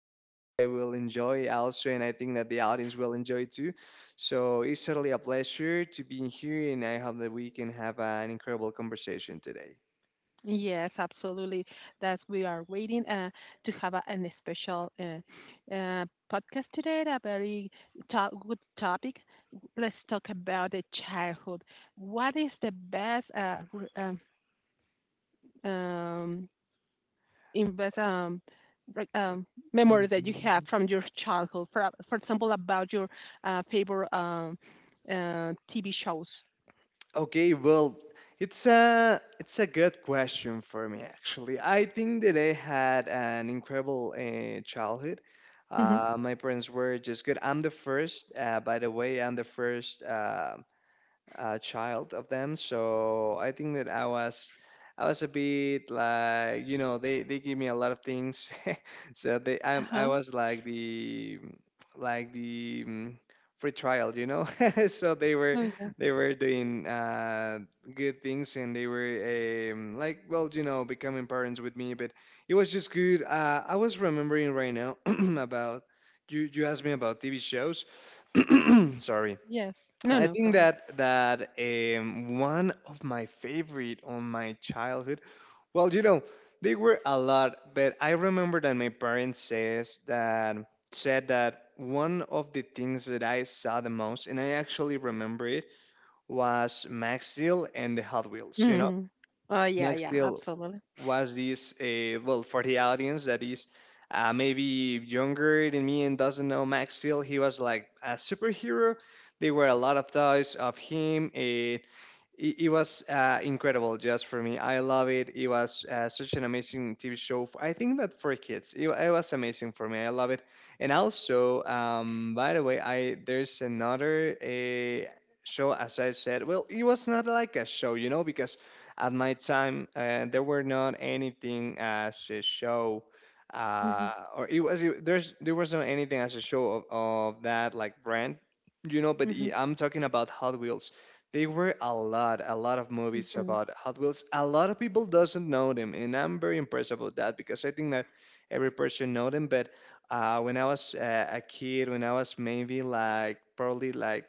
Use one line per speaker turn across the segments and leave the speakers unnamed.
I will enjoy also, and I think that the audience will enjoy too. So it's certainly a pleasure to be here, and I hope that we can have an incredible conversation today.
Yes, absolutely. That's we are waiting to have an special uh, podcast today. A very good topic. Let's talk about the childhood. What is the best um, invest
Like-
um, rec-
like-
um,
Mhm.
memories that you have from your childhood. For example, about your favorite TV shows.
Okay, well, it's a good question for me actually. I think that I had an incredible childhood.
Hmm.
My parents were just good. I'm the first, by the way, I'm the first. Child of them. So I think that I was a bit like, you know, they give me a lot of things. So they
Uh
I
huh.
was like the free trial, you know. So they were
Oh.
they were doing good things and they were like, well, you know, becoming parents with me, but it was just good. I was remembering right now about. You asked me about TV shows. Sorry.
Yes. No,
I
no
think
problem.
that one of my favorite on my childhood, well, you know, they were a lot, but I remember that my parents says that said that one of the things that I saw the most, and I actually remember it, was Max Steel and the Hot Wheels. You know,
Mm. Oh, yeah,
Max
yeah,
Steel
absolutely.
was this, well, for the audience that is maybe younger than me and doesn't know Max Steel, he was like a superhero. There were a lot of toys of him. It was incredible just for me. I love it. It was such an amazing TV show. I think that for kids, it was amazing for me. I love it. And also, by the way, I there's another show. As I said, well, it was not like a show, you know, because at my time there were not anything as a show.
Mhm,
Or it was it, there's there was not anything as a show of that like brand, you know.
mhm,
I'm talking about Hot Wheels. There were a lot of movies
mhm,
about Hot Wheels. A lot of people doesn't know them, and I'm very impressed about that because I think that every person know them. But when I was a kid, when I was maybe like probably like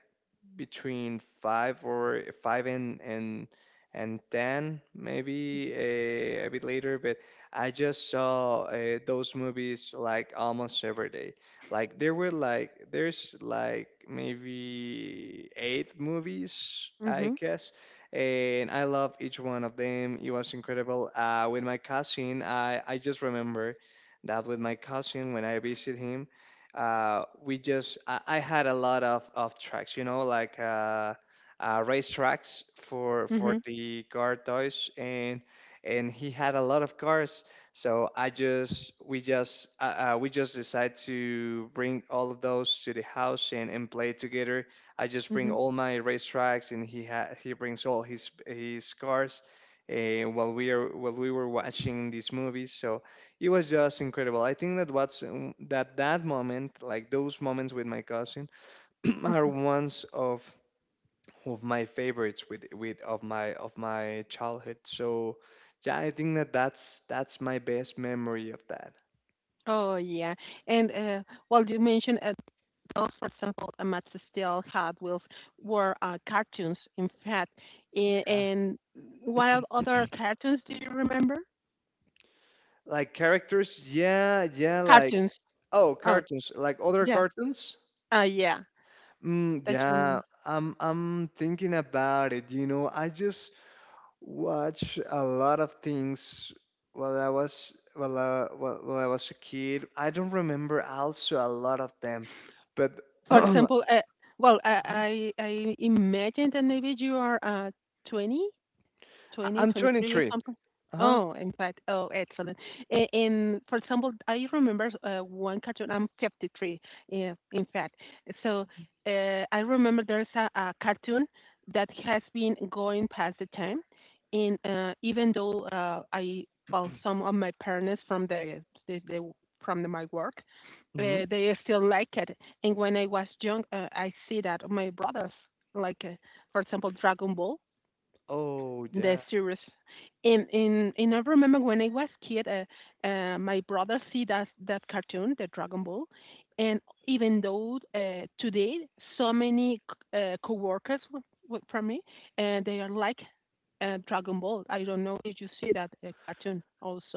between 5 or five and and 10, maybe a bit later. But I just saw those movies like almost every day. Like there's like maybe 8 movies, I
mhm,
guess. And I love each one of them. It was incredible. With my cousin, I just remember that with my cousin when I visit him, I had a lot of tracks, you know, like race tracks for
mhm,
the car toys, and he had a lot of cars. So I just we just we just decided to bring all of those to the house and play together. I just bring
mhm,
all my race tracks, and he brings all his cars. While we are while we were watching these movies, so it was just incredible. I think that what's that that moment, like those moments with my cousin, are
mhm.
ones of my favorites with of my childhood. So yeah, I think that that's my best memory of that.
Oh, yeah. And well, you mentioned those, for example, Amatsu Steel, Hot Wheels, were cartoons, in fact. And what other cartoons do you remember?
Like characters, yeah, yeah, like
Cartoons.
oh
Oh,
cartoons, like other
yes.
cartoons.
Yeah, that you
Yeah,
remember.
I'm thinking about it. You know, I just watch a lot of things while I was a kid. I don't remember also a lot of them, but
For
I-
example, well, I imagine that maybe you are 20
I'm
2023
23.
something.
Uh huh.
Oh, in fact, oh, excellent. For example, I remember one cartoon. I'm 53, yeah, in fact. So I remember there's a cartoon that has been going past the time, and even though well, some of my parents from my work,
Hmm.
they still like it. And when I was young, I see that my brothers like, for example, Dragon Ball.
Oh
The
yeah.
series. And I remember when I was kid, my brother see that cartoon, the Dragon Ball, and even though today so many coworkers from me, they are like Dragon Ball. I don't know if you see that cartoon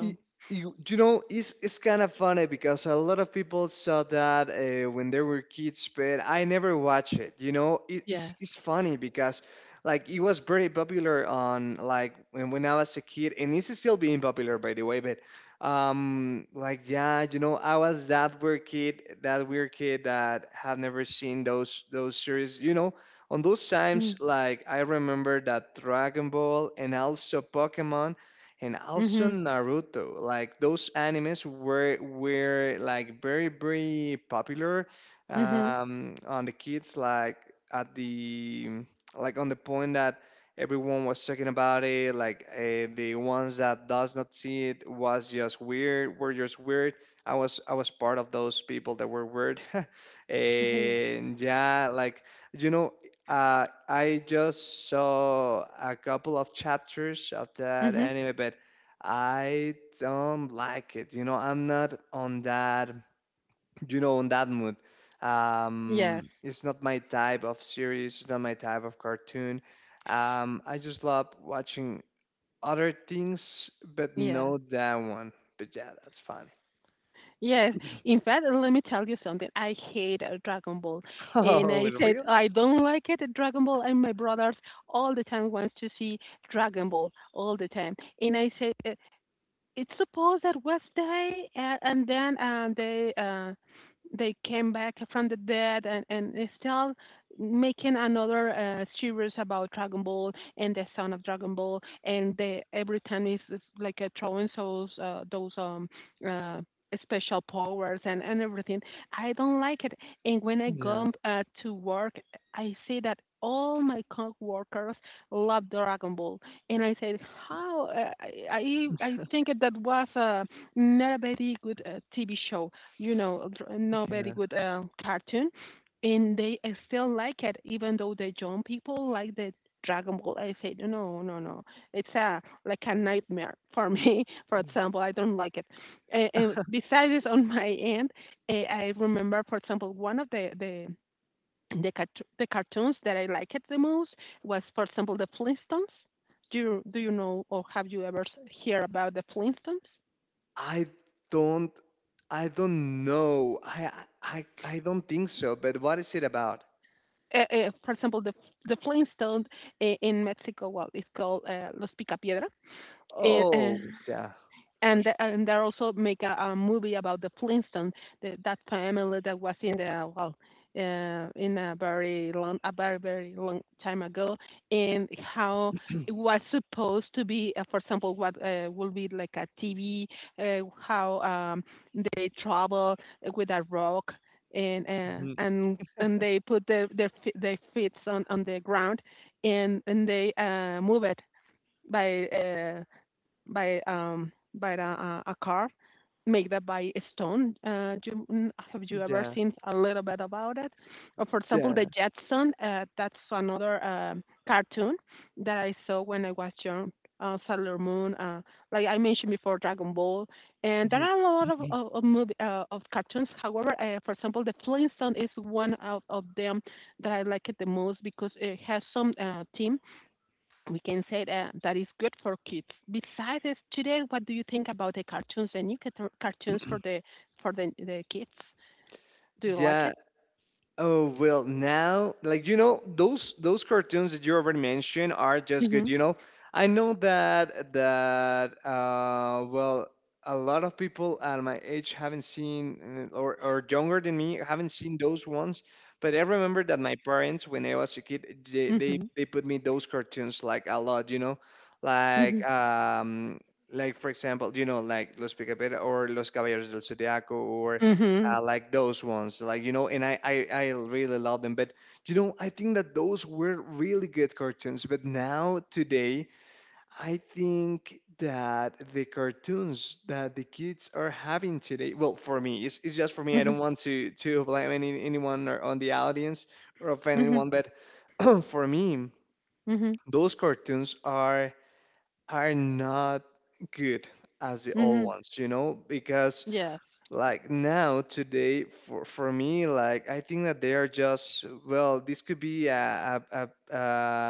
Y- You, you know, it's kind of funny because a lot of people saw that when they were kids, but I never watched it. You know,
Yes.
it's funny because like it was very popular on like when I was a kid, and it's still being popular, by the way. But like yeah, you know, I was that weird kid, that weird kid that had never seen those series. You know, on those times,
Mm.
like I remember that Dragon Ball and also Pokemon and also
Mhm.
Naruto. Like those animes were like very popular
Mhm.
on the kids. Like at the like on the point that everyone was talking about it. Like the ones that does not see it was just weird. Were just weird. I was part of those people that were weird.
Mhm.
And yeah, like, you know, I just saw a couple of chapters of that
Mhm.
anime, but I don't like it. You know, I'm not on that, you know, on that mood.
Yes.
It's not my type of series, it's not my type of cartoon. I just love watching other things, but
Yes.
not that one. But yeah, that's funny.
Yes. In fact, let me tell you something. I hate Dragon Ball. And
Oh,
I said,
really?
I don't like it, Dragon Ball. And my brothers all the time wants to see Dragon Ball all the time. And I said, it's supposed that was they, and then they came back from the dead, and it's still making another series about Dragon Ball and the son of Dragon Ball, and they every time it's like throwing those uh, special powers and everything. I don't like it, and when I
Yeah,
go to work, I see that all my coworkers love Dragon Ball and I said, "How? I think that was not a very good TV show. You know, not very
yeah.
good cartoon." And they still like it, even though the young people like the Dragon Ball. I said, "No, no, no. It's a like a nightmare for me. For example, I don't like it." And besides, this, on my end, I remember, for example, one of the cartoons that I liked the most was, for example, the Flintstones. Do you know or have you ever hear about the Flintstones?
I don't I don't know. I don't think so, but what is it about?
For example, the Flintstones in Mexico, well, it's called Los Picapiedra. Uh, uh,
Oh, yeah. For
and
sure.
the- and they also make a movie about the Flintstones, that family that was in the well, in a very very long time ago, and how it was supposed to be, for example, what will be like a TV, how they travel with a rock. And they put their feet on the ground, and they move it by uh, by a car made that by a stone. Have you ever
Yeah.
seen a little bit about it? Or for example, the
Yeah.
Jetson. That's another cartoon that I saw when I was young. Sailor Moon, like I mentioned before, Dragon Ball, and there
Mhm.
are a lot of of, of movie uh, of cartoons. However, for example, the Flintstone is one of them that I like it the most because it has some theme we can say that is good for kids. Besides this, today, what do you think about the cartoons, the new cartoons for the kids? Do you like
Yeah.
it?
Oh well, now, like, you know, those cartoons that you already mentioned are just good.
Mhm.
You know, I know that well a lot of people at my age haven't seen or younger than me haven't seen those ones. But I remember that my parents when I was a kid
Mhm.
they put me those cartoons like a lot. You know, like
Mhm.
um like for example, you know, like Los Picapedra or Los Caballeros del Zodiaco or
Mhm.
like those ones, like, you know. And I really love them. But you know, I think that those were really good cartoons, but now today I think that the cartoons that the kids are having today, well, for me it's just for me I
Mhm.
don't want to blame anyone or on the audience or offend
Mhm.
anyone. But for me
Mhm.
those cartoons are not good as the old
Mhm.
ones, you know, because
Yes.
like now today for me like I think that they are just well this could be a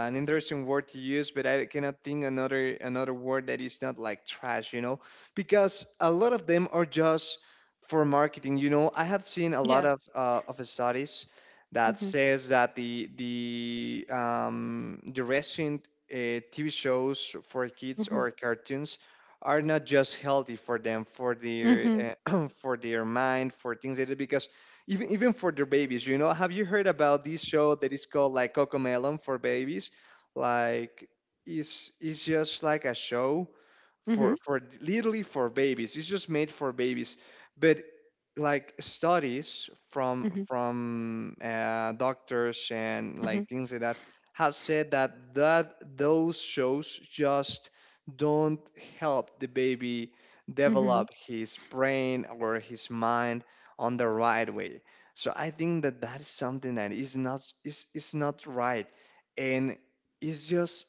an interesting word to use, but I cannot think another word that is not like trash, you know, because a lot of them are just for marketing, you know. I have seen a lot
Yes.
of studies that
Mhm.
says that the recent tv shows for kids
Mhm.
or cartoons are not just healthy for them, for their
Mhm.
for their mind, for things they do. Because even for their babies, you know, have you heard about this show that is called like Cocomelon for babies? Like, it's just like a show
Mhm.
for literally for babies. It's just made for babies. But like studies from
Mhm.
doctors and
Mhm.
like things like that have said that that those shows just don't help the baby
Mhm.
develop his brain or his mind on the right way. So I think that that is something that is not is not right, and it's just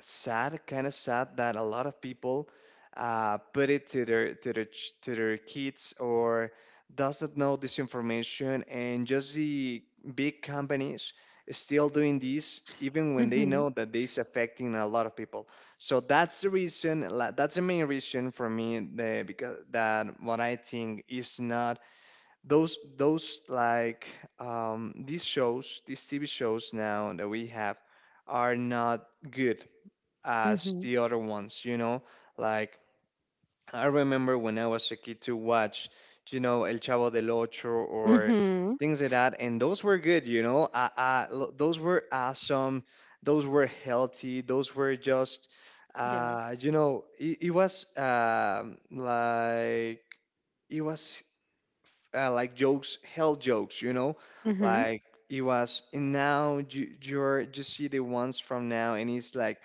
sad, kind of sad that a lot of people put it to their to their kids or doesn't know this information, and just the big companies is still doing this even when they
Mhm.
know that this affecting a lot of people. So that's the reason. That's the main reason for me because that what I think is not those these shows, these TV shows now that we have are not good as
Mhm.
the other ones, you know? Like, I remember when I was a kid to watch, you know, El Chavo del Ocho or
Mhm.
things like that, and those were good, you know? Those were awesome, those were healthy, those were just,
Yes.
you know, it was like, it was like jokes, hell jokes, you know?
Mhm.
Like, it was, and now you're, you see the ones from now, and it's like,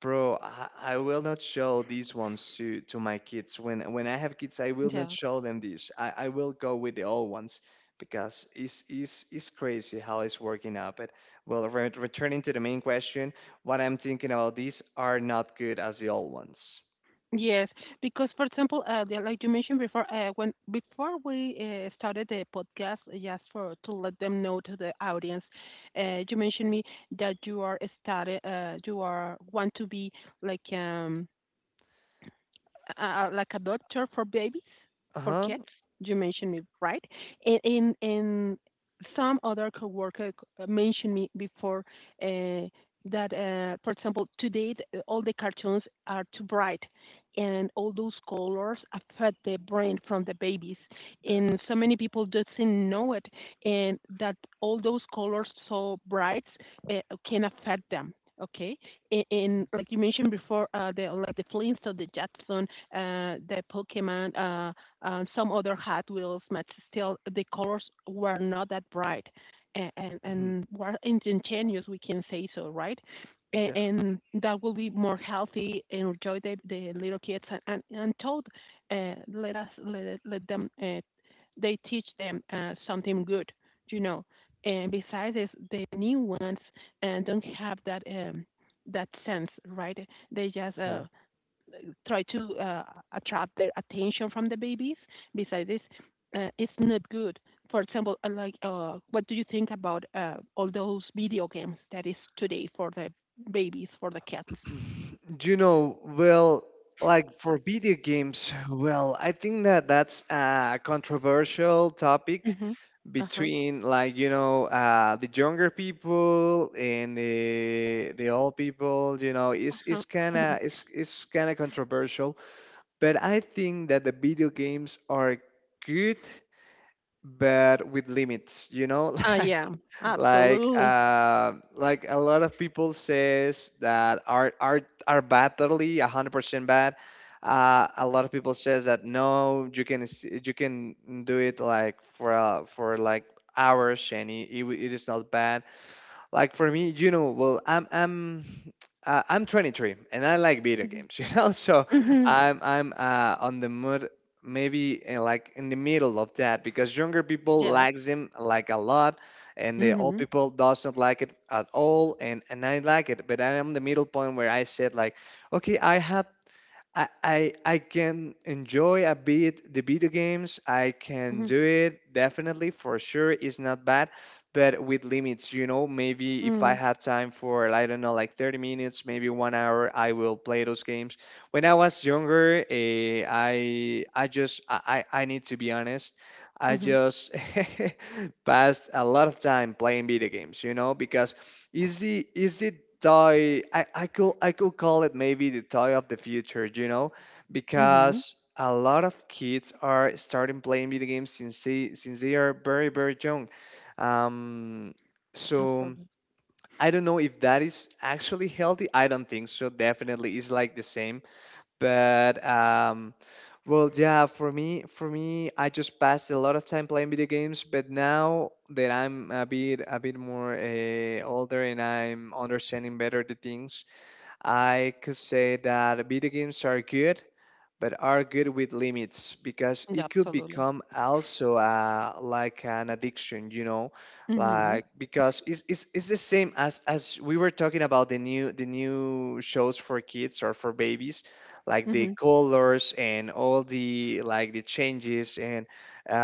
Bro, I will not show these ones to my kids. When I have kids, I will not
Yes.
show them this. I will go with the old ones because it's crazy how it's working out. But well, re returning to the main question, what I'm thinking about these are not good as the old ones.
Yes, because for example, like you mentioned before, when before we started the podcast, just for to let them know to the audience, you mentioned me that you are started, you are want to be like um like a doctor for babies, for
Uh-huh.
kids. You mentioned me, right? And some other coworker mentioned me before uh, that, for example, today all the cartoons are too bright, and all those colors affect the brain from the babies, and so many people doesn't know it, and that all those colors so bright uh, can affect them. Okay, and like you mentioned before, the like the Flintstone, the Jackson, the Pokemon, some other Hot Wheels, but still the colors were not that bright and, and,
Definitely.
and were instantaneous, we can say so, right? A-
Yeah,
And that will be more healthy and enjoy the little kids and told, let us let them they teach them something good, you know. And besides this, the new ones and don't have that sense, right? They just
yeah.
try to attract their attention from the babies. Besides this, it's not good. For example, like, what do you think about all those video games that is today for the babies, for the cats?
You know, well, like for video games, well, I think that's a controversial topic
Mm-hmm. Uh-huh.
between the younger people and the old people, you know. it's
Uh-huh.
it's kind
Mhm.
of it's, it's kind of controversial, but I think that the video games are good, but with limits, you know.
Ah, yeah,
like like
absolutely.
um like a lot of people says that are bad, totally 100% bad. A lot of people says that no, you can you can do it like for like hours, and it is not bad. Like for me, you know, well, I'm 23 and I like video
Mm-hmm.
games. You know. So
Mm-hmm.
I'm on the mood maybe, like in the middle of that, because younger people
Yes.
likes them, like a lot, and the old
Mm-hmm.
people doesn't like it at all, and I like it, but I am the middle point where I said like, okay, I I can enjoy a bit the video games. I can
Mm-hmm.
do it, definitely, for sure. It's not bad, but with limits, you know. Maybe if I
Mm-hmm.
have time for, I don't know, like 30 minutes, maybe 1 hour, I will play those games. When I was younger, I need to be honest. I
Mm-hmm.
just passed a lot of time playing video games, you know, because is it toy, I could call it maybe the toy of the future, you know,
Mm-hmm.
because a lot of kids are starting playing video games since they are very, very young. Um, so
Absolutely.
I don't know if that is actually healthy. I don't think so. Definitely, it's like the same. But um yeah, for me, I just passed a lot of time playing video games, but now that I'm a bit more older and I'm understanding better the things, I could say that video games are good, but are good with limits, because
Yeah,
it could
absolutely.
become also, like an addiction, you know,
Mm-hmm.
like because it's the same as we were talking about the new shows for kids or for babies, like the
Mm-hmm.
colors and all the like the changes and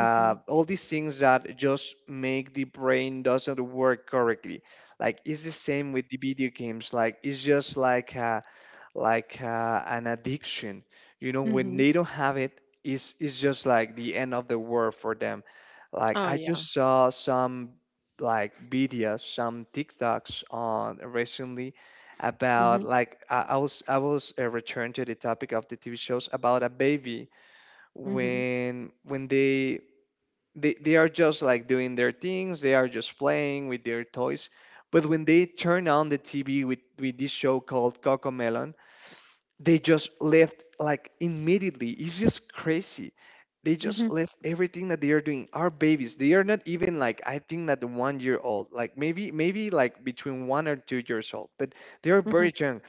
Mm-hmm.
all these things that just make the brain doesn't work correctly. Like it's the same with the video games. Like it's just like. Like an addiction. You know, when
Mm-hmm.
they don't have it, it's just like the end of the world for them. Like
Ah,
I
yeah.
just saw some like videos, some TikToks on recently about
Mm-hmm.
like I was returned to the topic of the TV shows about a baby,
Mm-hmm.
when they are just like doing their things, they are just playing with their toys. But when they turn on the TV with this show called Cocomelon, they just left, like, immediately. It's just crazy. They
Mm-hmm.
just left everything that they are doing. Our babies, they are not even like, I think that 1 year old, like maybe like between 1 or 2 years old, but they are
Mm-hmm.
very young,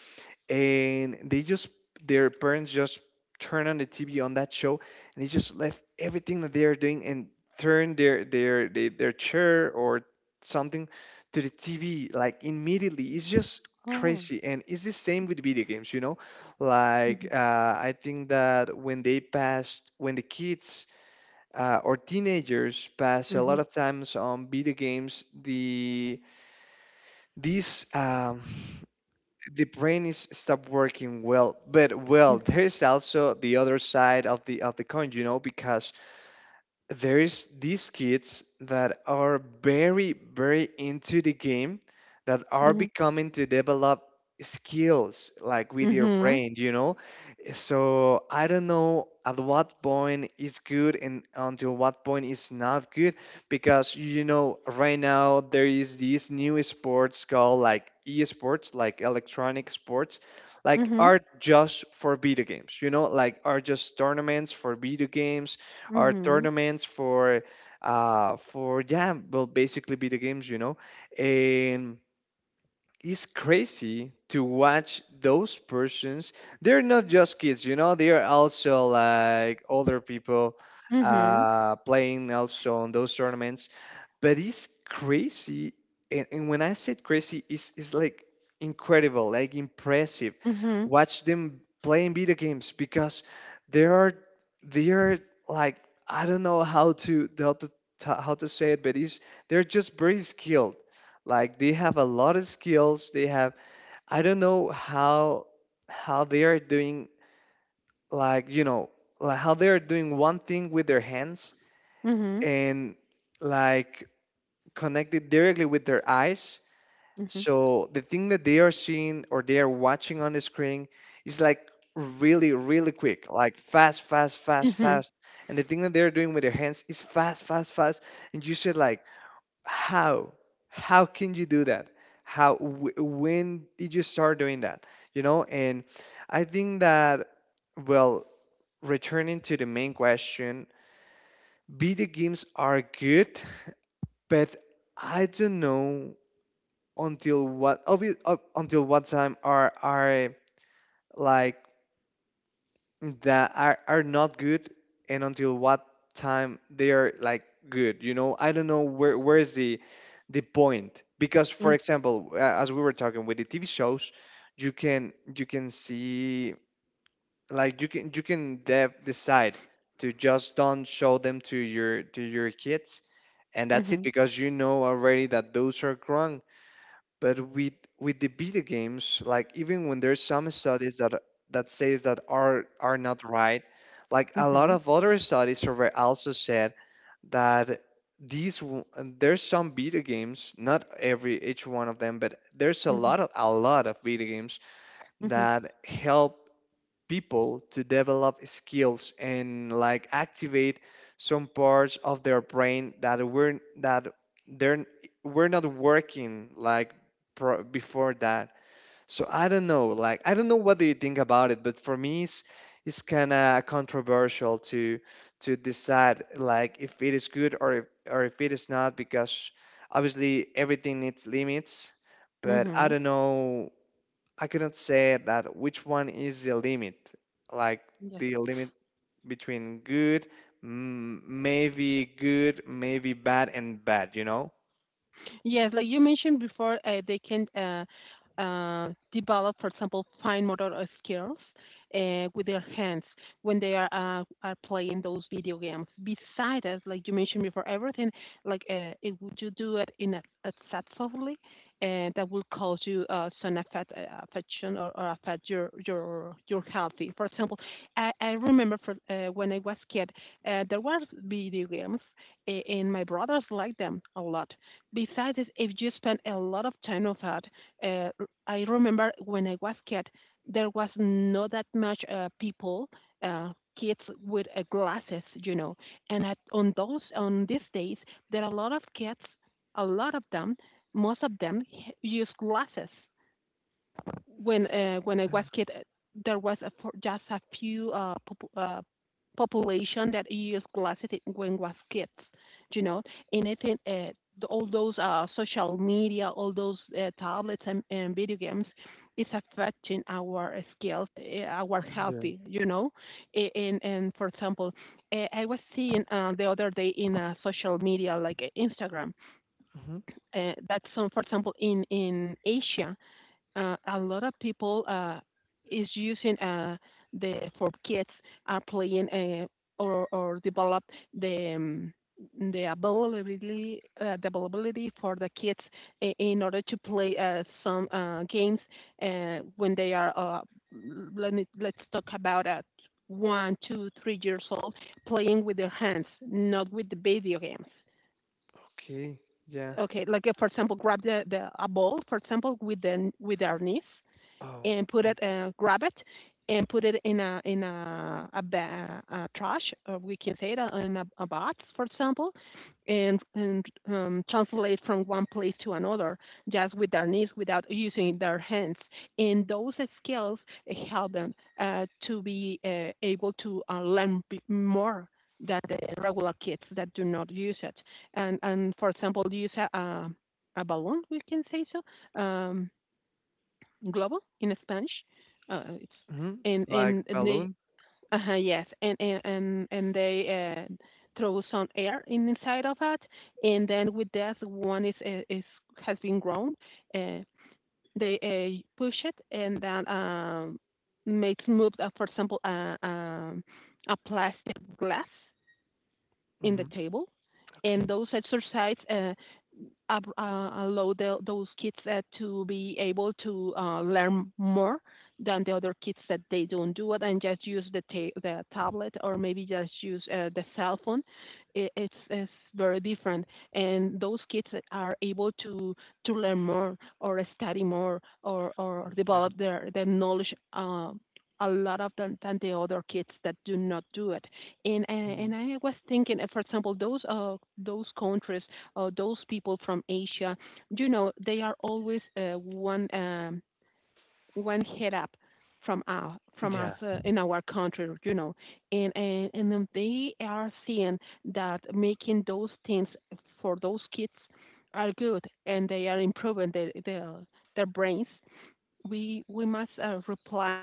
and they just, their parents just turn on the TV on that show, and they just left everything that they are doing and turn their chair or something to the TV, like, immediately. It's just
Oh.
crazy, and it's the same with video games, you know, like
Mhm,
uh, I think that when the kids, or teenagers, pass a
mhm,
lot of times on video games, these um, the brain is stop working well. But well,
mhm,
there's also the other side of the coin, you know, because there's these kids that are very, very into the game that are
mhm,
becoming to develop skills, like with your
mhm,
brain, you know. So I don't know at what point is good and until what point is not good, because you know right now there is these new sports called like esports, like electronic sports, like
mhm,
are just for video games, you know, like are just tournaments for video games. Our
mhm,
tournaments for, yeah, well, basically video games, you know. And it's crazy to watch those persons. They're not just kids, you know, they are also like older people,
mhm,
playing also on those tournaments. But it's crazy, and when I said crazy, it's like incredible, like impressive,
mhm,
watch them playing video games, because they are they are like, I don't know how to ta- how to say it, but it's, they're just very skilled. Like they have a lot of skills, they have, I don't know how they are doing, like, you know, like how they are doing one thing with their hands
mhm,
and, like, connected directly with their eyes.
mhm,
So the thing that they are seeing or they are watching on the screen is like really, really quick, like fast, fast, fast,
mhm,
fast. And the thing that they're doing with their hands is fast, fast, fast. And you said like, how? How can you do that? How? When did you start doing that? You know? And I think that, well, returning to the main question, video games are good, but I don't know until what up until what time are like, that are not good, and until what time they are, like, good, you know. I don't know where is the point, because for example, as we were talking with the TV shows, you can, see, like, you can, decide to just don't show them to your kids, and
mhm,
that's it,
mhm,
because you know already that those are wrong. But with the video games, like even when there's some studies that says that are not right, like a lot
mhm,
of other studies over also said that there's some video games, not every each one of them, but there's
mhm,
a lot of video games
mhm,
that help people to develop skills and like activate some parts of their brain that were that they're we're not working like before that. So I don't know, like I don't know what do you think about it, but for me it's kind of controversial to decide like if it is good or if it is not, because obviously everything needs limits, but I
mhm.
don't know, I cannot say that which one is the limit, like
Yeah.
the limit between good, m maybe good, maybe bad, and bad, you know?
Yes, like you mentioned before, they can develop, for example, fine motor skills with their hands when they are playing those video games. Besides, as like you mentioned before, everything if you do it in a set softly, that will cause you some affect, affection or affect your health. For example, I remember when I was kid, there was video games and my brothers liked them a lot. Besides, this, if you spend a lot of time on that, I remember when I was kid, there was not that much people, uh, kids with glasses. And at, on those, on these days, there are a lot of kids, a lot of them, most of them use glasses when I was kid, there was just a few population that used glasses when was kids, you know, anything uh, all those social media, all those tablets and video games, is affecting our skills, uh, our
Yeah.
healthy, you know, and for example, I was seeing the other day in social media like Instagram
Hmm.
that some, for example, in Asia a lot of people is using the for kids are playing or develop the um, the availability the availability for the kids in order to play some games when they are let me let's talk about at 1, 2, 3 years old playing with their hands not with the video games.
Okay. Yeah.
Okay, like for example grab the a ball for example with the with our knees
Oh.
and grab it, and put it in a, ba- a trash, or we can say that in a box, for example, and translate from one place to another just with their knees without using their hands. And those skills help them to be able to learn more than the regular kids that do not use it. And for example, use a balloon, we can say so. Globo in Spanish. Uh, it's
Mm-hmm.
and
Like
and, and they
balloon.
uh yes and and and, and they uh, throw some air in inside of it, and then with that one is has been grown. Uh, they push it and then makes move. For example, a plastic glass in the
Hmm.
table, and
Okay.
those exercises. Allow those kids to be able to learn more than the other kids that they don't do it and just use the the tablet or maybe just use the cell phone. It's very different, and those kids are able to learn more or study more or
Yeah.
develop their knowledge. A lot of them than the other kids that do not do it and
Mhm.
I was thinking, for example, those countries, those people from Asia, you know. They are always one head up from us,
Yeah.
in our country, you know, and then they are seeing that making those things for those kids are good, and they are improving their brains. We must reply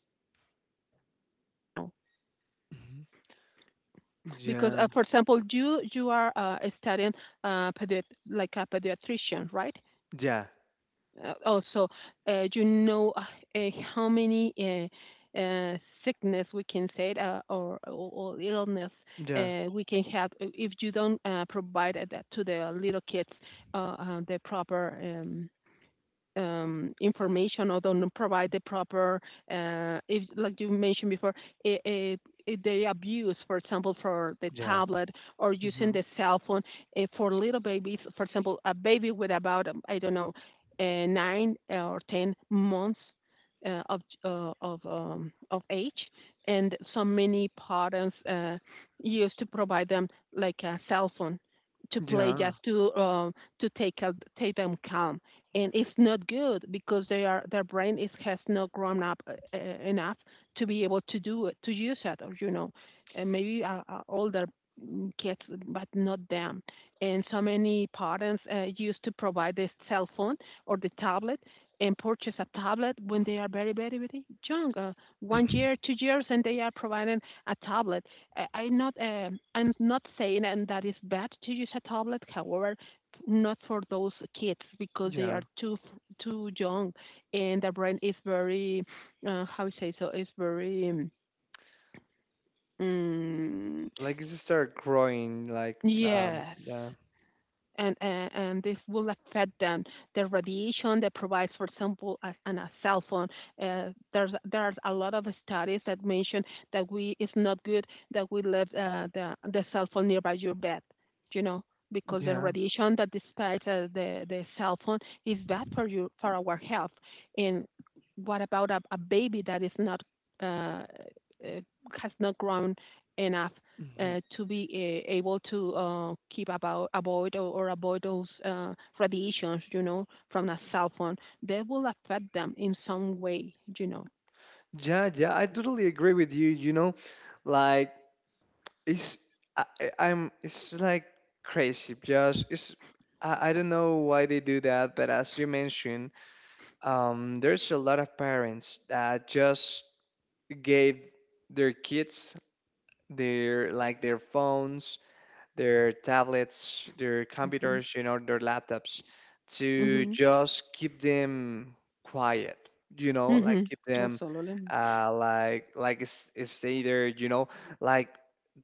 that that exercise, you know,
Hmm.
because
Yeah.
for example, you are studying uh, pedi- like a pediatrician, right?
Yeah.
Also, uh, you know uh, how many uh, uh, sickness we can say, or, or illness
Yeah.
we can have if you don't provide that to the little kids, the proper information, or don't provide the proper, if, like you mentioned before, I if they abuse, for example, for the
Yeah.
tablet or using
Hmm.
the cell phone for little babies. For example, a baby with about, I don't know, nine or 10 months of age. And so many parents used to provide them like a cell phone to play, just
Yeah.
to take a, take them calm, and it's not good because they are their brain is has not grown up enough to be able to do it to use it, or you know, and maybe older kids, but not them. And so many parents used to provide the cell phone or the tablet and purchase a tablet when they are very very young, 1 year, 2 years, and they are providing a tablet. I'm not saying and that is bad to use a tablet, however not for those kids because they
Yeah.
are too young, and the brain is very, how you say, so is very um,
Like it start growing.
yes.
Yeah.
And this will affect them. The radiation that provides, for example, as, and a cell phone. There's a lot of studies that mention that we it's not good that we leave the cell phone nearby your bed, you know, because the
Yeah.
radiation that dispels the cell phone is bad for you, for our health. And what about a baby that is not uh, uh, has not grown enough
hmm
to be able to keep about avoid, or avoid those radiations, you know, from a cell phone? They will affect them in some way, you know.
Yeah, yeah, I totally agree with you. You know, like it's, I'm, it's like crazy. Just it's I don't know why they do that, but as you mentioned, there's a lot of parents that just gave their kids their, like, their phones, their tablets, their
Mm-hmm.
computers, you know, their laptops, to
Mm-hmm.
just keep them quiet, you know, like
Mm-hmm.
keep them,
Absolutely.
like stay there, you know, like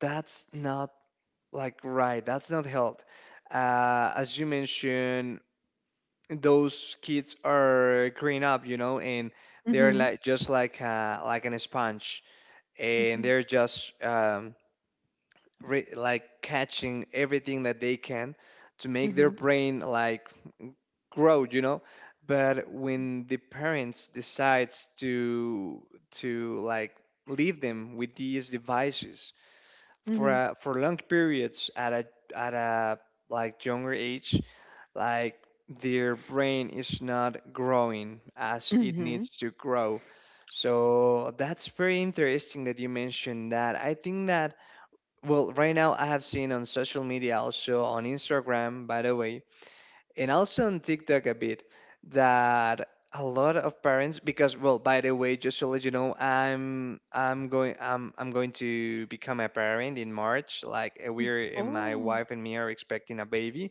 that's not, like, right. That's not health. As you mentioned, those kids are growing up, you know, and they're
Mm-hmm.
like just like, like an sponge, and
Mm-hmm.
they're just, like catching everything that they can to make their
Mm-hmm.
brain like grow, you know. But when the parents decides to like leave them with these devices for
Mm-hmm.
for long periods at a, like, younger age, like, their brain is not growing as it
Mm-hmm.
needs to grow. So that's very interesting that you mentioned, that I think that, well, right now I have seen on social media, also on Instagram, by the way, and also on TikTok a bit, that a lot of parents, because, well, by the way, just to let you know, I'm going to become a parent in March. Like we're and my
Oh,
wife and me are expecting a baby.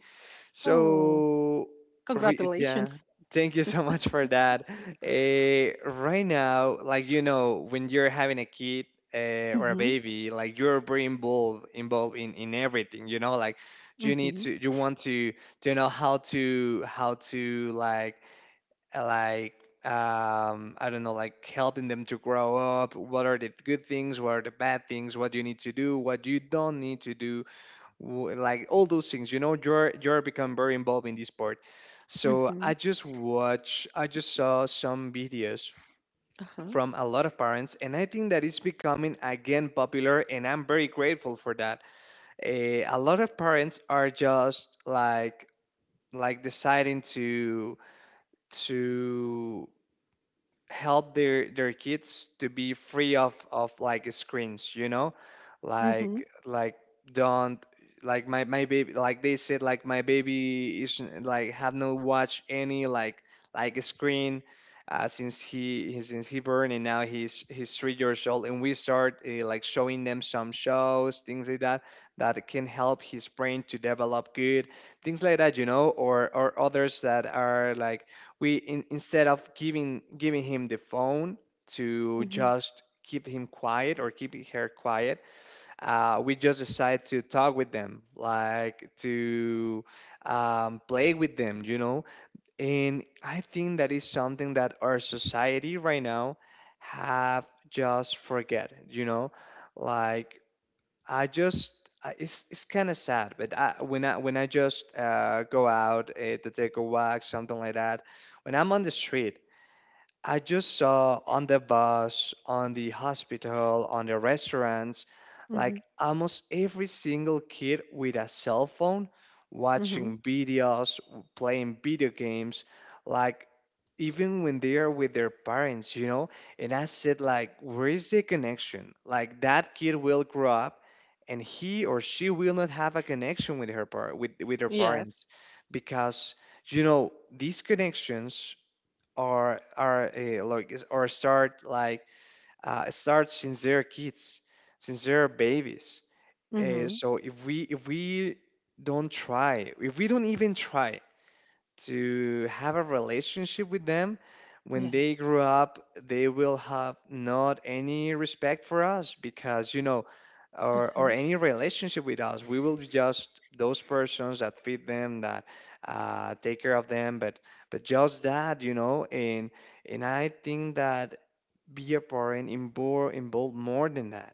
oh,
So,
congratulations.
yeah, thank you so much for that. Eh, right now, like you know, when you're having a kid, or a
Mm-hmm.
baby, like you're very involved in everything. You know, like you need
Mm-hmm.
to, you want to know how to, like, uh, like. I don't know, like helping them to grow up. What are the good things? What are the bad things? What you need to do? What you don't need to do? Like all those things, you know, you're become very involved in this part. So
Mm-hmm.
I just saw some videos
Uh-huh.
from a lot of parents, and I think that it's becoming again popular, and I'm very grateful for that. A lot of parents are just like deciding to to help their kids to be free of like screens, you know,
Mm-hmm.
like don't, like my baby, like they said, like my baby isn't, like, have not watched any like screen since since he born, and now he's 3 years old, and we start like showing them some shows, things like that, that can help his brain to develop good things like that, you know. Or others that are like, instead of giving him the phone to
Mm-hmm.
just keep him quiet or keep her quiet, we just decide to talk with them, like to play with them, you know. And I think that is something that our society right now have just forget, you know, like I just it's kind of sad. But when I just go out to take a walk, something like that, when I'm on the street, I just saw on the bus, on the hospital, on the restaurants,
Mm-hmm.
like almost every single kid with a cell phone,
Mm-hmm.
watching videos, playing video games, like even when they are with their parents, you know? And I said, like, where is the connection? Like that kid will grow up, and he or she will not have a connection with her par with her
Yes.
parents, because, you know, these connections or like is- or start like start since they're kids, since they're babies. Uh,
Mm-hmm.
so if we don't try, if we don't even try to have a relationship with them, when they
Yes.
grow up they will have not any respect for us, because, you know, or any relationship with us, we will be just those persons that feed them, that take care of them, but just that, you know. And I think that be a parent involved more than that.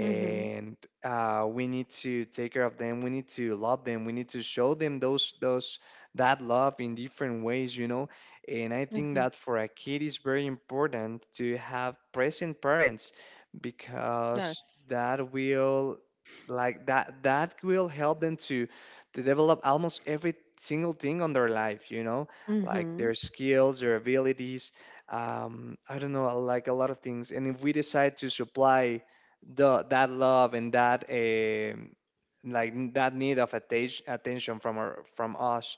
Mm-hmm.
we need to take care of them. We need to love them. We need to show them those that love in different ways, you know. And I think
Mm-hmm.
that for a kid is very important to have present parents,
Yes.
because that will, like that, that will help them to develop almost every single thing on their life, you know, like
Mhm.
their skills, their abilities, I don't know, like a lot of things. And if we decide to supply the that love and that um, like that need of attention from from us,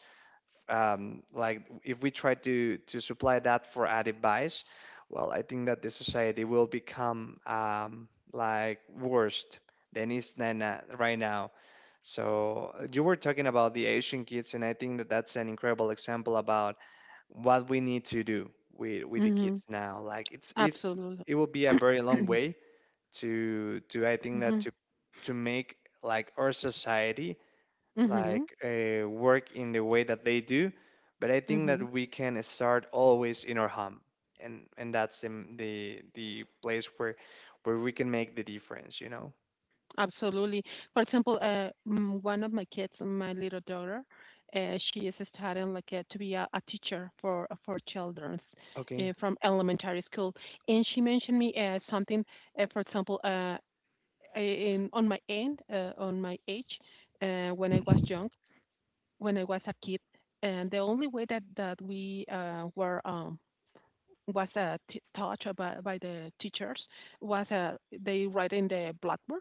like if we try to supply that for a device, well, I think that the society will become like worst than it's than right now. So you were talking about the Asian kids, and I think that that's an incredible example about what we need to do with the
Mhm.
kids now, like it's
Absolutely.
it will be a very long way to I think that
Mhm.
to make like our society like
Mhm.
work in the way that they do, but I think that
Mhm.
we can start always in our home, and that's the the place where we can make the difference, you know.
Absolutely. For example, one of my kids, my little daughter, she is studying like to be a teacher for children
Okay.
from elementary school, and she mentioned me something. For example, in on my end, on my age, when I was young, when I was a kid, and the only way that we were was taught by the teachers was they write in the blackboard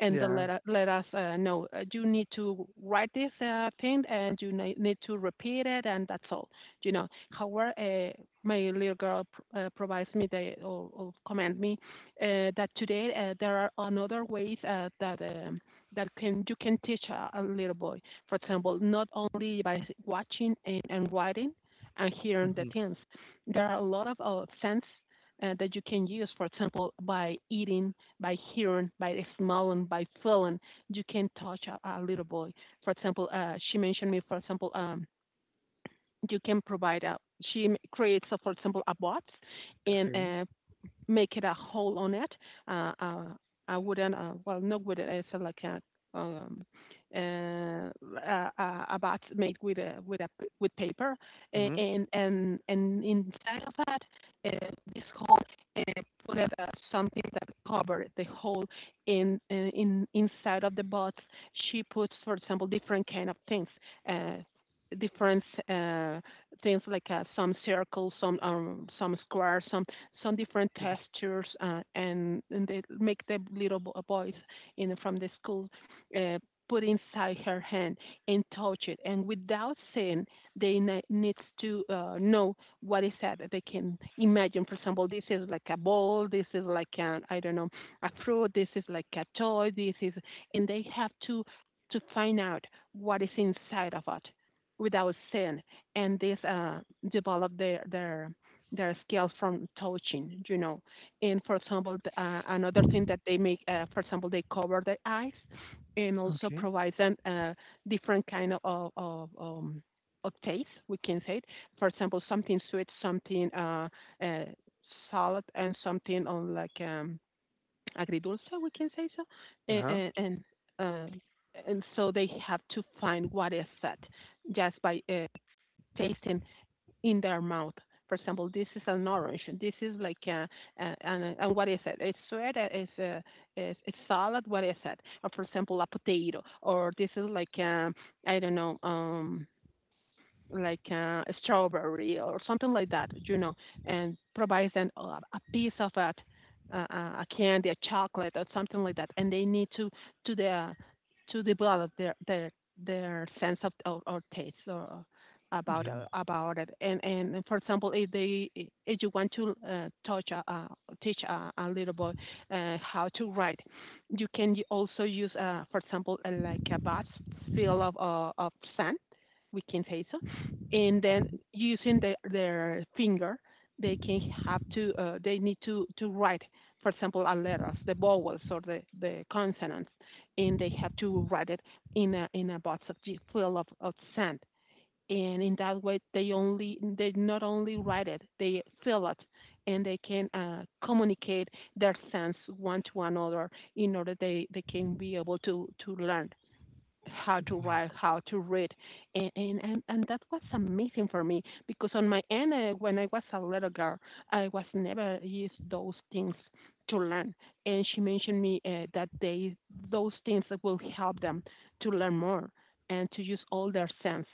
and then
Yeah.
let us know, you need to write this thing and you need to repeat it, and that's all, you know. However, my little girl provides me the, or command me that today there are another ways that that can you can teach a little boy, for example, not only by watching and writing and hearing the
Hmm.
things. There are a lot of sense that you can use, for example, by eating, by hearing, by smelling, by feeling. You can touch a little boy. For example, she mentioned me, for example, you can provide a, she creates, a, for example, a box, and
Okay.
make it a hole on it. Uh, uh, I wouldn't, well, not with it. It's like um, a bat made with a with paper,
Hmm.
and and inside of that, uh, this hole, uh, put it, something that covered the hole in, in inside of the box. She puts, for example, different kind of things. Uh, Different uh, things like some circles, some squares, some different
Okay.
textures, and they make the little boys in from the school uh, put inside her hand and touch it. And without seeing, they needs to know what is that. They can imagine, for example, this is like a ball, this is like an, I don't know, a fruit, this is like a toy, this is, and they have to find out what is inside of it without sin. And this develop their skills from touching, you know. And for example, another thing that they make, for example, they cover their eyes and also
Okay.
provide them different kind of, of taste, we can say it. For example, something sweet, something uh, salad, and something on like agridulce, we can say so.
Uh-huh.
And, and, uh, and so they have to find what is that just by tasting in their mouth. For example, this is an orange. This is like a, and what is it? It's sweat. It's a, it's, it's salad. What is it? Or for example, a potato. Or this is like I don't know. Like a strawberry or something like that, you know, and provides them a piece of a candy, a chocolate, or something like that, and they need to the to develop their their sense of, or taste or about,
Yeah.
about it. And for example, if they if you want to touch a teach a little boy how to write, you can also use, for example, like a bus full of sand, we can say so. And then
Mhm.
using their finger, they can have to they need to write, for example, our letters, the vowels or the consonants, and they have to write it in a box of full of sand. And in that way, they not only write it, they feel it, and they can communicate their sense one to another in order they can be able to learn how to
Yeah.
write, how to read. And that was amazing for me, because on my end, when I was a little girl, I was never used those things to learn. And she mentioned me that they, those things that will help them to learn more and to use all their sense,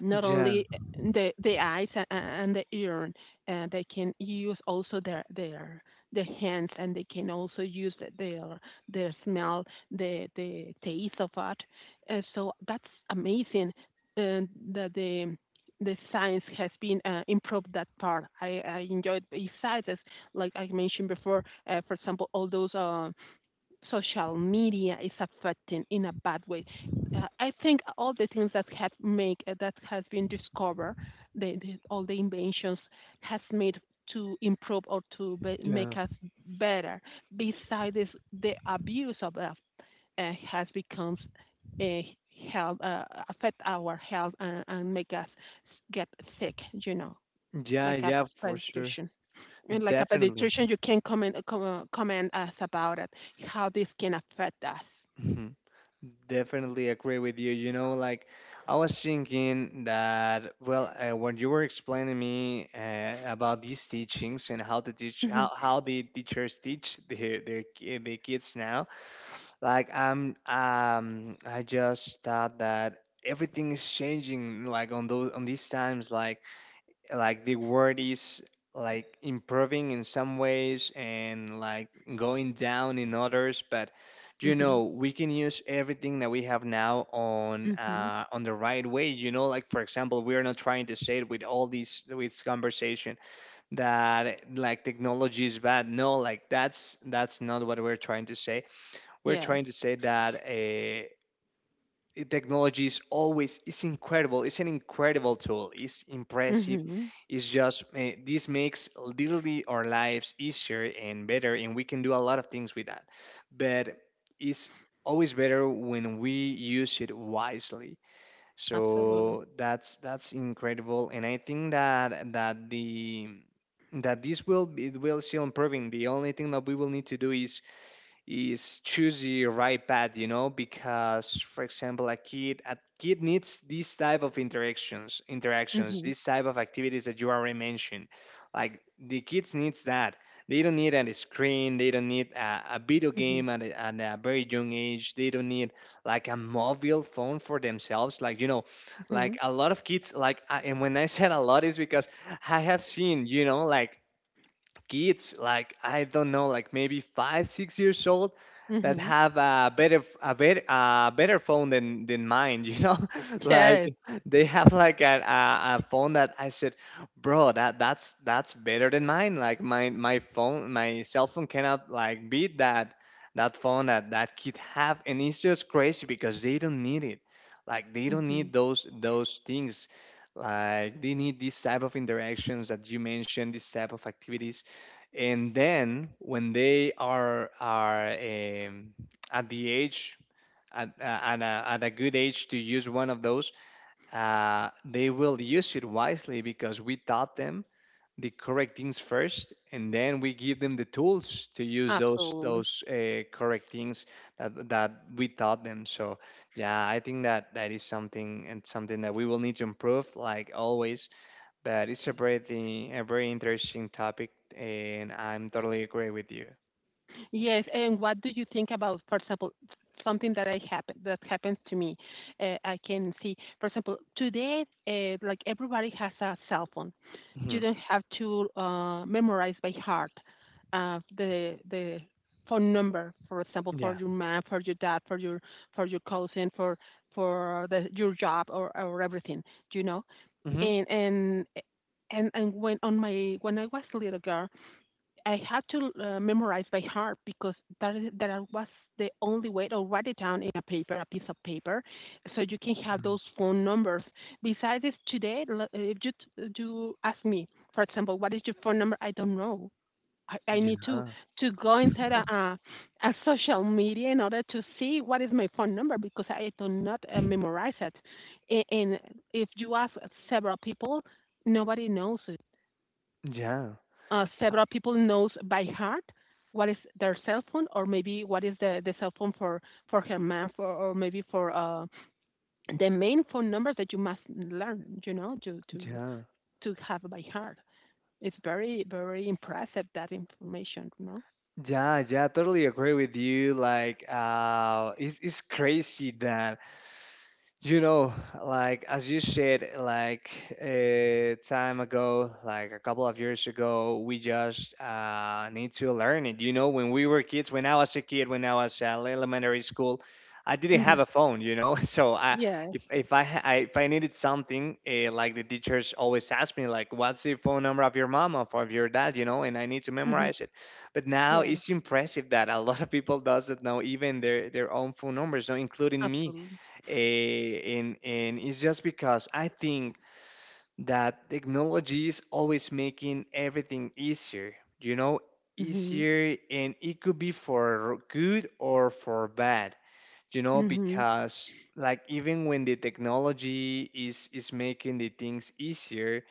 not
Yeah.
only the eyes and the ear, they can use also their the hands, and they can also use their smell, the taste of it. So that's amazing uh, that the science has been improved that part. I enjoyed besides, as like I mentioned before, for example, all those social media is affecting in a bad way. I think all the things that have make that has been discovered, all the inventions has made to improve or to be,
Yeah.
make us better. Besides this, the abuse of it has becomes a health, affect our health, and make us get sick. You know,
Yeah.
like a
Yeah, for sure.
prescription, and like a
Definitely.
pediatrician, you can comment us about it, how this can affect us.
Mhm. Definitely agree with you. You know, like I was thinking that, well, when you were explaining me about these teachings and how the teach
Hmm.
how the teachers teach the kids now, like I'm um, I just thought that everything is changing, like on those on these times, like the word is like improving in some ways, and like going down in others, but, you
Hmm.
know, we can use everything that we have now
Hmm.
on the right way, you know. Like, for example, we are not trying to say it with all these, with conversation, that like technology is bad. No, like that's not what we're trying to say. We're
Yes.
trying to say that technology is always, it's incredible, it's an incredible tool, it's impressive.
Hmm.
It's just this makes literally our lives easier and better, and we can do a lot of things with that. But it's always better when we use it wisely.
Absolutely.
So that's incredible, and I think that that the that this will, it will still improving. The only thing that we will need to do is choose the right path, you know. Because for example, a kid needs these type of interactions,
Hmm.
these type of activities that you already mentioned. Like the kids needs that. They don't need a screen. They don't need a video
Hmm.
game at a very young age. They don't need like a mobile phone for themselves. Like, you know,
Hmm.
like a lot of kids. Like I, and when I said a lot is because I have seen, you know, like kids, like I don't know, like maybe 5 6 years old that
Hmm.
have a better phone than mine, you know, like
Yes.
they have like a phone that I said, bro, that that's better than mine. Like my phone, my cell phone cannot like beat that, that phone that that kid have. And it's just crazy because they don't need it, like they don't
Hmm.
need those things, like they need this type of interactions that you mentioned, this type of activities. And then when they are at the age at, at a good age to use one of those, they will use it wisely, because we taught them the correct things first, and then we give them the tools to use
Absolutely.
those correct things that we taught them. So yeah, I think that that is something, and something that we will need to improve, like, always. But it's a very, a very interesting topic, and I'm totally agree with you.
Yes, and what do you think about, for example, something that I happen that happens to me? I can see, for example, today, like everybody has a cell phone. You
Mhm.
don't have to memorize by heart the phone number, for example, for
Yeah.
your mom, for your dad, for your cousin, for your job, or everything, you know.
Hmm.
And and and when on my when I was a little girl, I had to memorize by heart because that was the only way, to write it down in a paper, a piece of paper, so you can have those phone numbers. Besides today, if you you ask me, for example, what is your phone number? I don't know. I need to
Yeah.
go inside a social media in order to see what is my phone number because I do not memorize it. And if you ask several people, nobody knows it,
Yeah. Uh,
several people knows by heart what is their cell phone, or maybe what is the cell phone for her math, or maybe for the main phone numbers that you must learn, you know,
yeah.
to have by heart. It's very, very impressive, that information, you know?
Yeah. Yeah, totally agree with you. Like, it's crazy that, you know, like as you said, like a time ago, like a couple of years ago, we just need to learn it. You know, when we were kids, when I was a kid, when I was at elementary school, I didn't
Hmm
have a phone. You know, so I
Yes.
if I, ha- I if I needed something, like the teachers always asked me, like, what's the phone number of your mom or of your dad? You know, and I need to
hmm
memorize it. But now
Yes,
it's impressive that a lot of people doesn't know even their own phone numbers, so including me.
absolutely.
And it's just because I think that technology is always making everything easier, you know,
Hmm
easier, and it could be for good or for bad, you know.
hmm
Because like even when the technology is making the things easier,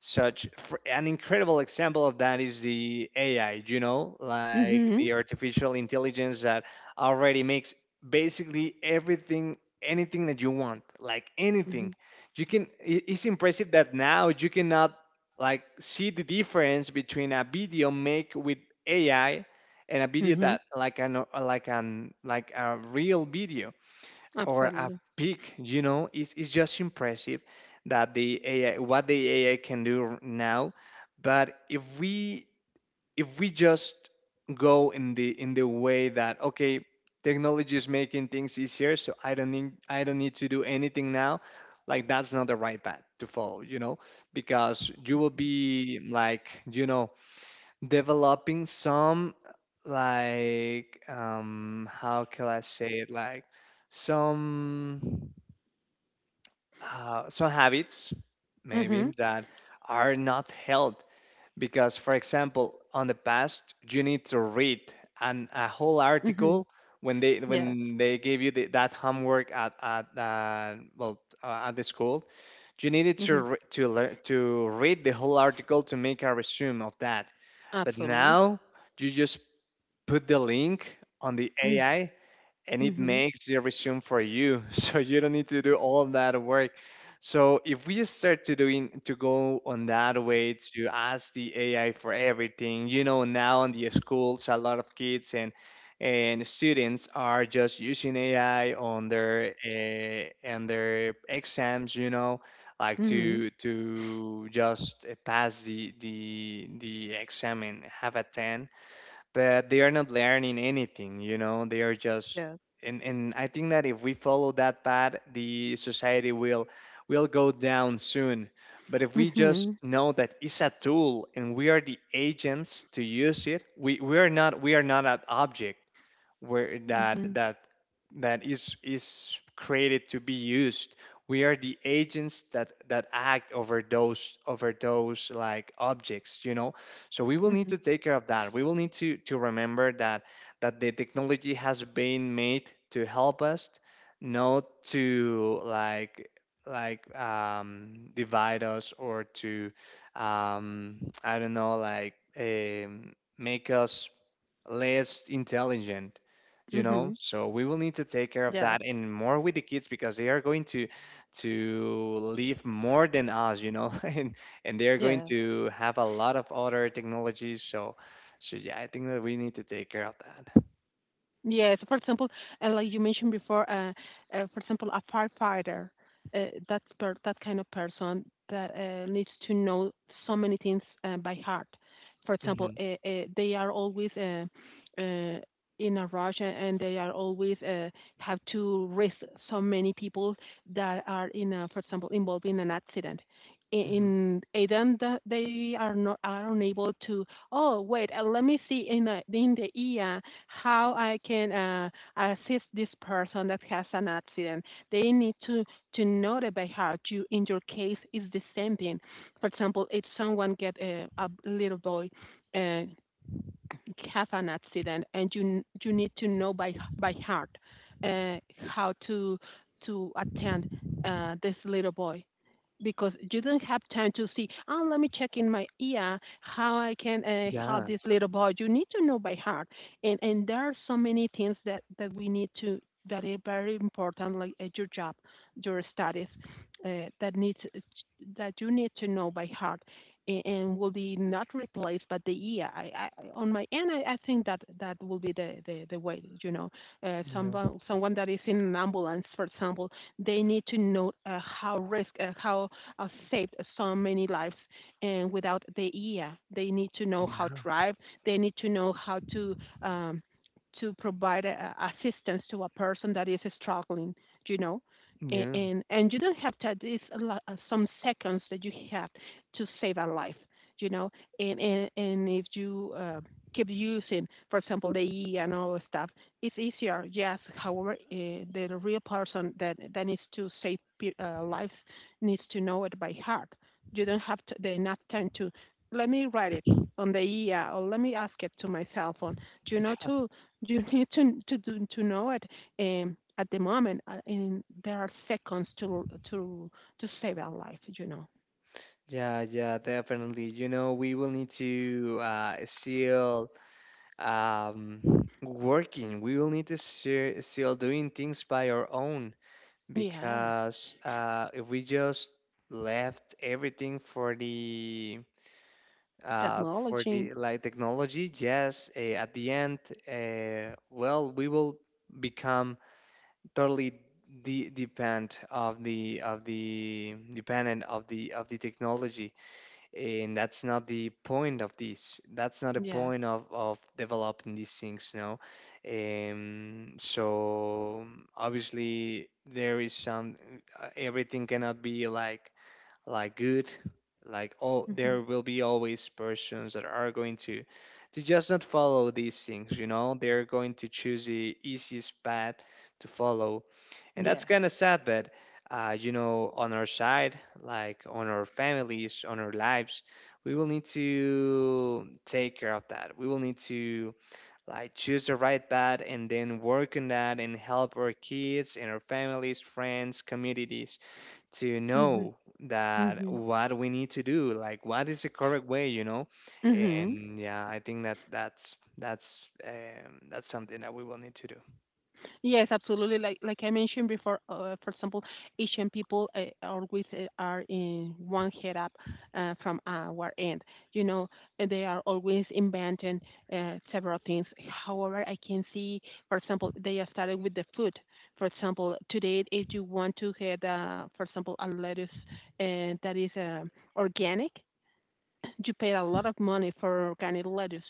such for, an incredible example of that is the AI, you know, like
hmm
the artificial intelligence that already makes basically everything, anything that you want, like
hmm
anything. You can it's impressive that now you cannot like see the difference between a video make with AI and a video
hmm
that like an like an like a real video, or a
Absolutely.
pic, you know, it's just impressive that the AI, what the AI can do now. But if we, if we just go in the way that, okay, technology is making things easier, so I don't need, I don't need to do anything now, like that's not the right path to follow, you know. Because you will be like, you know, developing some like um, how can I say it, like some some habits maybe
Hmm
that are not held. Because for example, on the past you need to read an a whole
hmm
article, when
Yes.
they gave you that homework at at the school. You needed to
hmm
learn to read the whole article to make a resume of that. But
Absolutely.
now you just put the link on the
Mm-hmm.
AI, and it
Mm-hmm.
makes the resume for you. So you don't need to do all of that work. So if we start to doing to go on that way, to ask the AI for everything, you know, now in the schools, a lot of kids and students are just using AI on their exams, you know, like
Mm-hmm.
to just pass the exam and have a 10, but they are not learning anything, you know, they are just.
Yes.
And I think that if we follow that path, the society will go down soon. But if we just
Mhm.
know that it's a tool and we are the agents to use it, we are not an object where that
Mhm.
that that is created to be used. We are the agents that act over those like objects, you know. So we will need to
Mhm.
take care of that. We will need to remember that the technology has been made to help us, not to like divide us or to um I don't know, make us less intelligent, you know,
Mhm.
so we will need to take care of that,
Yes.
and more with the kids because they are going to live more than us, you know, and they are going
Yeah.
to have a lot of other technologies, so yeah, I think that we need to take care of that.
Yes, for example, like you mentioned before, for example, a firefighter, that per that kind of person that needs to know so many things by heart. For example,
hmm
they are always uh, in a rush, and they are always have to risk so many people that are in, a, for example, involved in an accident.
hmm
In Aden, that they are not are unable to. Oh wait, let me see in the ER how I can assist this person that has an accident. They need to know it by heart. You, in your case, it's the same thing. For example, if someone get a little boy. Uh, have an accident, and you need to know by heart, uh, how to attend this little boy, because you don't have time to see, oh, let me check in my ear how I can help
yeah,
this little boy. You need to know by heart. And there are so many things that we need to, that are very important, like at your job, your studies, that needs that you need to know by heart, and will be not replaced but the ear. On my end, I think that that will be the way, you know,
yeah,
someone, someone that is in an ambulance, for example, they need to know how risk, how saved so many lives, and without the ear, they need to know how to
yeah,
drive, they need to know how um, to provide a, assistance to a person that is struggling, you know.
yeah.
And you don't have to. It's a lot, some seconds that you have to save our life, you know. And if you keep using, for example, the E and all stuff, it's easier. Yes, however, the real person that needs to save lives needs to know it by heart. You don't have to, the enough time to, let me write it on the EA, or let me ask it to my cell phone. Do you know, to you need to to know it. At the moment, in there are seconds to save our life. You know.
Yeah, yeah, definitely, you know, we will need to still um, working. We will need to still doing things by our own,
Yes.
because if we just left everything for
Technology.
the like technology, yes, at the end, well, we will become totally dependent of the technology, and that's not the point of this, that's not the
Yes.
point of developing these things, no. So obviously there is some, everything cannot be like good, like all there
Mhm.
will be always persons that are going to just not follow these things, you know, they're going to choose the easiest path to follow, and that's
Yes.
kind of sad. But you know, on our side, like on our families, on our lives, we will need to take care of that. We will need to like choose the right path and then work on that and help our kids and our families, friends, communities to
Mhm.
know that
Mhm.
what we need to do, like what is the correct way, you know.
Mhm.
And yeah, I think that that's that's something that we will need to do.
Yes, absolutely. Like I mentioned before, for example, Asian people always are in one head up from our end. You know, and they are always inventing several things. However, I can see, for example, they are starting with the food. For example, today, if you want to get, for example, a lettuce that is organic, you pay a lot of money for organic lettuce.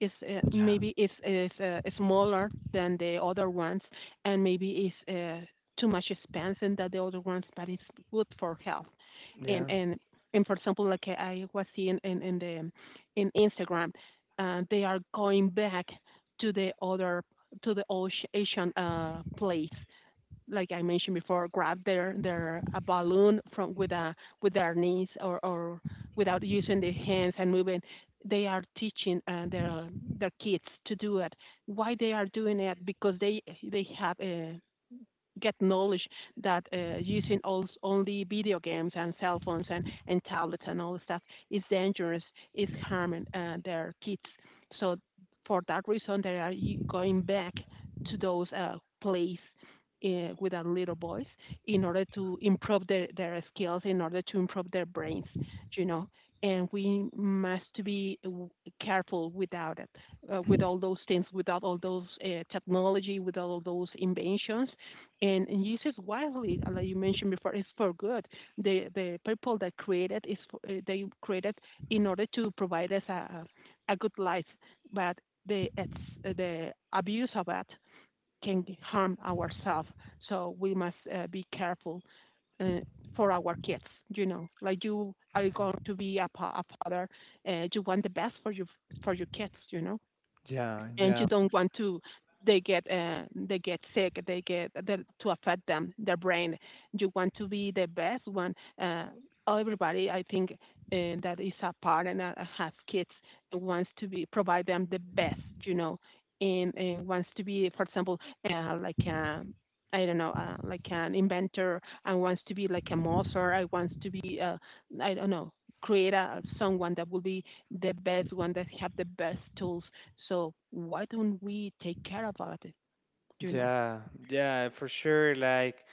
It's
Yeah,
maybe it's smaller than the other ones, and maybe it's too much expensive than the other ones, but it's good for health. And
yeah,
and and for example, like I was seeing in the in Instagram, they are going back to the other, to the old Asian place, like I mentioned before, grab their a balloon from with a with their knees, or without using their hands and moving. They are teaching their kids to do it. Why they are doing it? Because they have a, get knowledge that using all, only video games and cell phones, and tablets and all the stuff is dangerous, is harming their kids. So for that reason, they are going back to those plays with our little boys in order to improve their skills, in order to improve their brains, you know. And we must be careful without it, with all those things, without all those technology, without all those inventions, and used it wisely, like you mentioned before, is for good. The people that created is for, they created in order to provide us a good life, but the it's, the abuse of it can harm ourselves. So we must be careful uh, for our kids. You know, like you are going to be a, a father, you want the best for your kids. You know,
yeah,
and
yeah.
you don't want to, they get sick, they get they, to affect them their brain. You want to be the best one, uh, everybody I think that is a parent that has kids wants to be provide them the best, you know, and wants to be, for example, like a, I don't know, like an inventor, and wants to be like a Mozart. I wants to be, I don't know, create a someone that will be the best one, that have the best tools. So why don't we take care about it? You know?
Yeah, yeah, for sure. Like,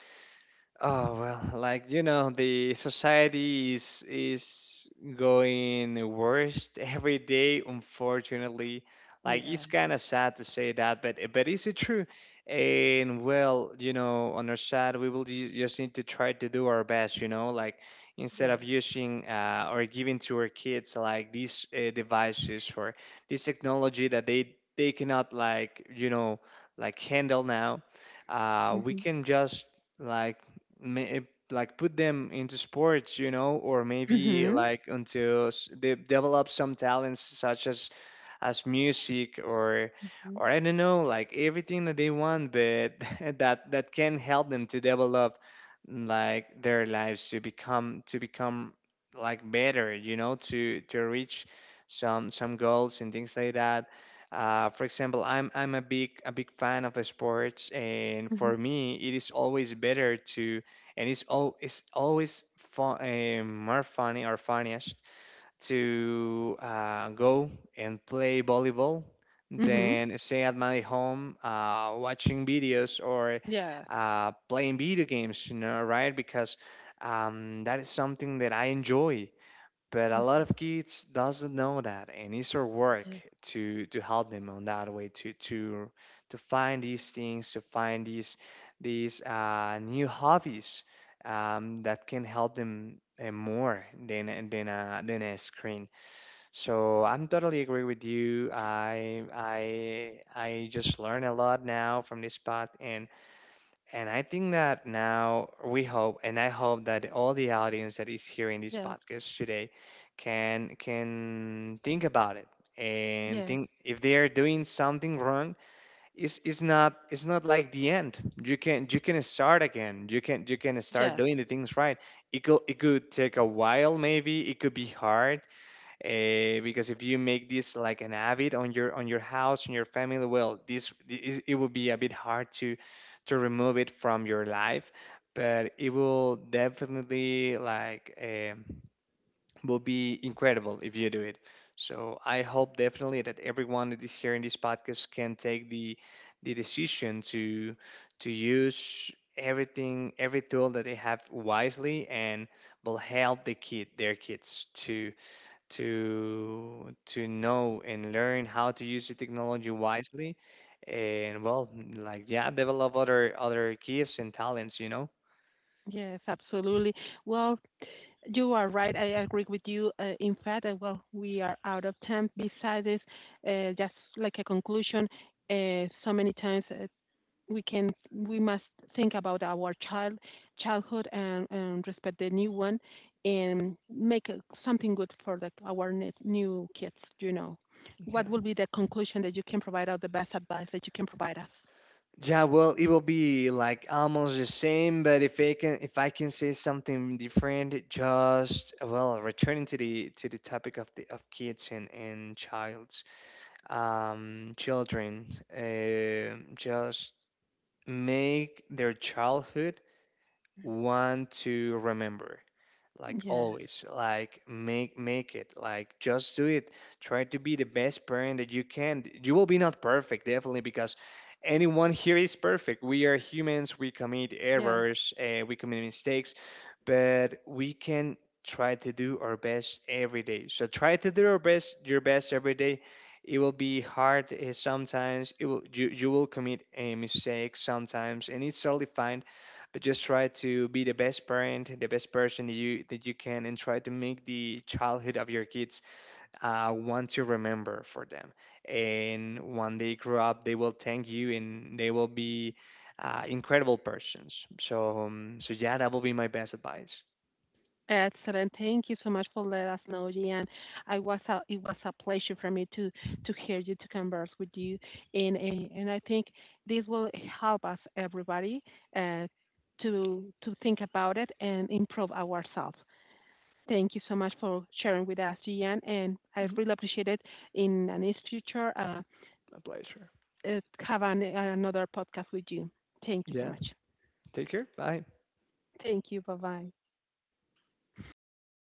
oh well, like the society is going worse every day, unfortunately. Like
Yeah.
it's kind of sad to say that, but is it true? And well, you know, on our side, we will just need to try to do our best, you know, like instead
Yeah.
of using or giving to our kids like these devices or this technology that they cannot like handle now, we
Mhm.
can just like may, like put them into sports, you know, or maybe
Mhm.
like into they develop some talents such as music or
Mhm.
I don't know, like everything that they want, but that can help them to develop like their lives to become like better, you know, to reach some goals and things like that. For example, I'm a big fan of sports, and
Mhm.
for me, it is always better to, and it's always fun, more funny or funniest to go and play volleyball
Mhm.
than stay at my home watching videos or
Yes.
playing video games, you know, right? Because that is something that I enjoy, but a lot
Mhm.
of kids doesn't know that, and it's our work
Yes.
to help them on that way to find these things, to find these new hobbies that can help them more than than a screen. So I'm totally agree with you. I just learn a lot now from this part, and. And I think that now we hope, and I hope that all the audience that is hearing this
Yes.
podcast today can think about it and
Yes.
think if they are doing something wrong, it's not like the end. You can start again. You can start
Yes.
doing the things right. It could take a while maybe. It could be hard because if you make this like an habit on your house and your family, well this is, it will be a bit hard to remove it from your life, but it will definitely like will be incredible if you do it. So I hope definitely that everyone that is hearing this podcast can take the decision to use everything, every tool that they have wisely, and will help their kids to know and learn how to use the technology wisely, and well, like yeah, develop other gifts and talents, you know.
Yes. Absolutely. Well, you are right. I agree with you. In fact, well, we are out of time. Besides this, just like a conclusion, so many times we can, we must think about our childhood, and respect the new one, and make something good for the, our new kids. You know, what
Yeah,
will be the conclusion that you can provide us? The best advice that you can provide us?
yeah, well, it will be like almost the same, but if I can say something different, just well, returning to the topic of the of kids and childs, children, just make their childhood one to remember, like
Yes.
always, like make it, like just do it. Try to be the best parent that you can. You will be not perfect, definitely, because anyone here is perfect. We are humans, we commit
Yes.
errors, we commit mistakes, but we can try to do our best every day. So try to do our best, your best every day. It will be hard, eh, sometimes. It will, you will commit a mistake sometimes, and it's totally fine. But just try to be the best parent, the best person that you can, and try to make the childhood of your kids one to remember for them. And when they grow up, they will thank you, and they will be incredible persons. So so yeah, that will be my best advice.
Eh, excellent. Thank you so much for letting us know, Gian. I it was a pleasure for me to hear you, to converse with you, and I think this will help us everybody, uh, to think about it and improve ourselves. Thank you so much for sharing with us, Gian, and I
Mhm.
really appreciate it. In the next future,
My pleasure.
have an, another podcast with you. Thank you so
Yeah.
much.
Take care. Bye.
Thank you. Bye bye.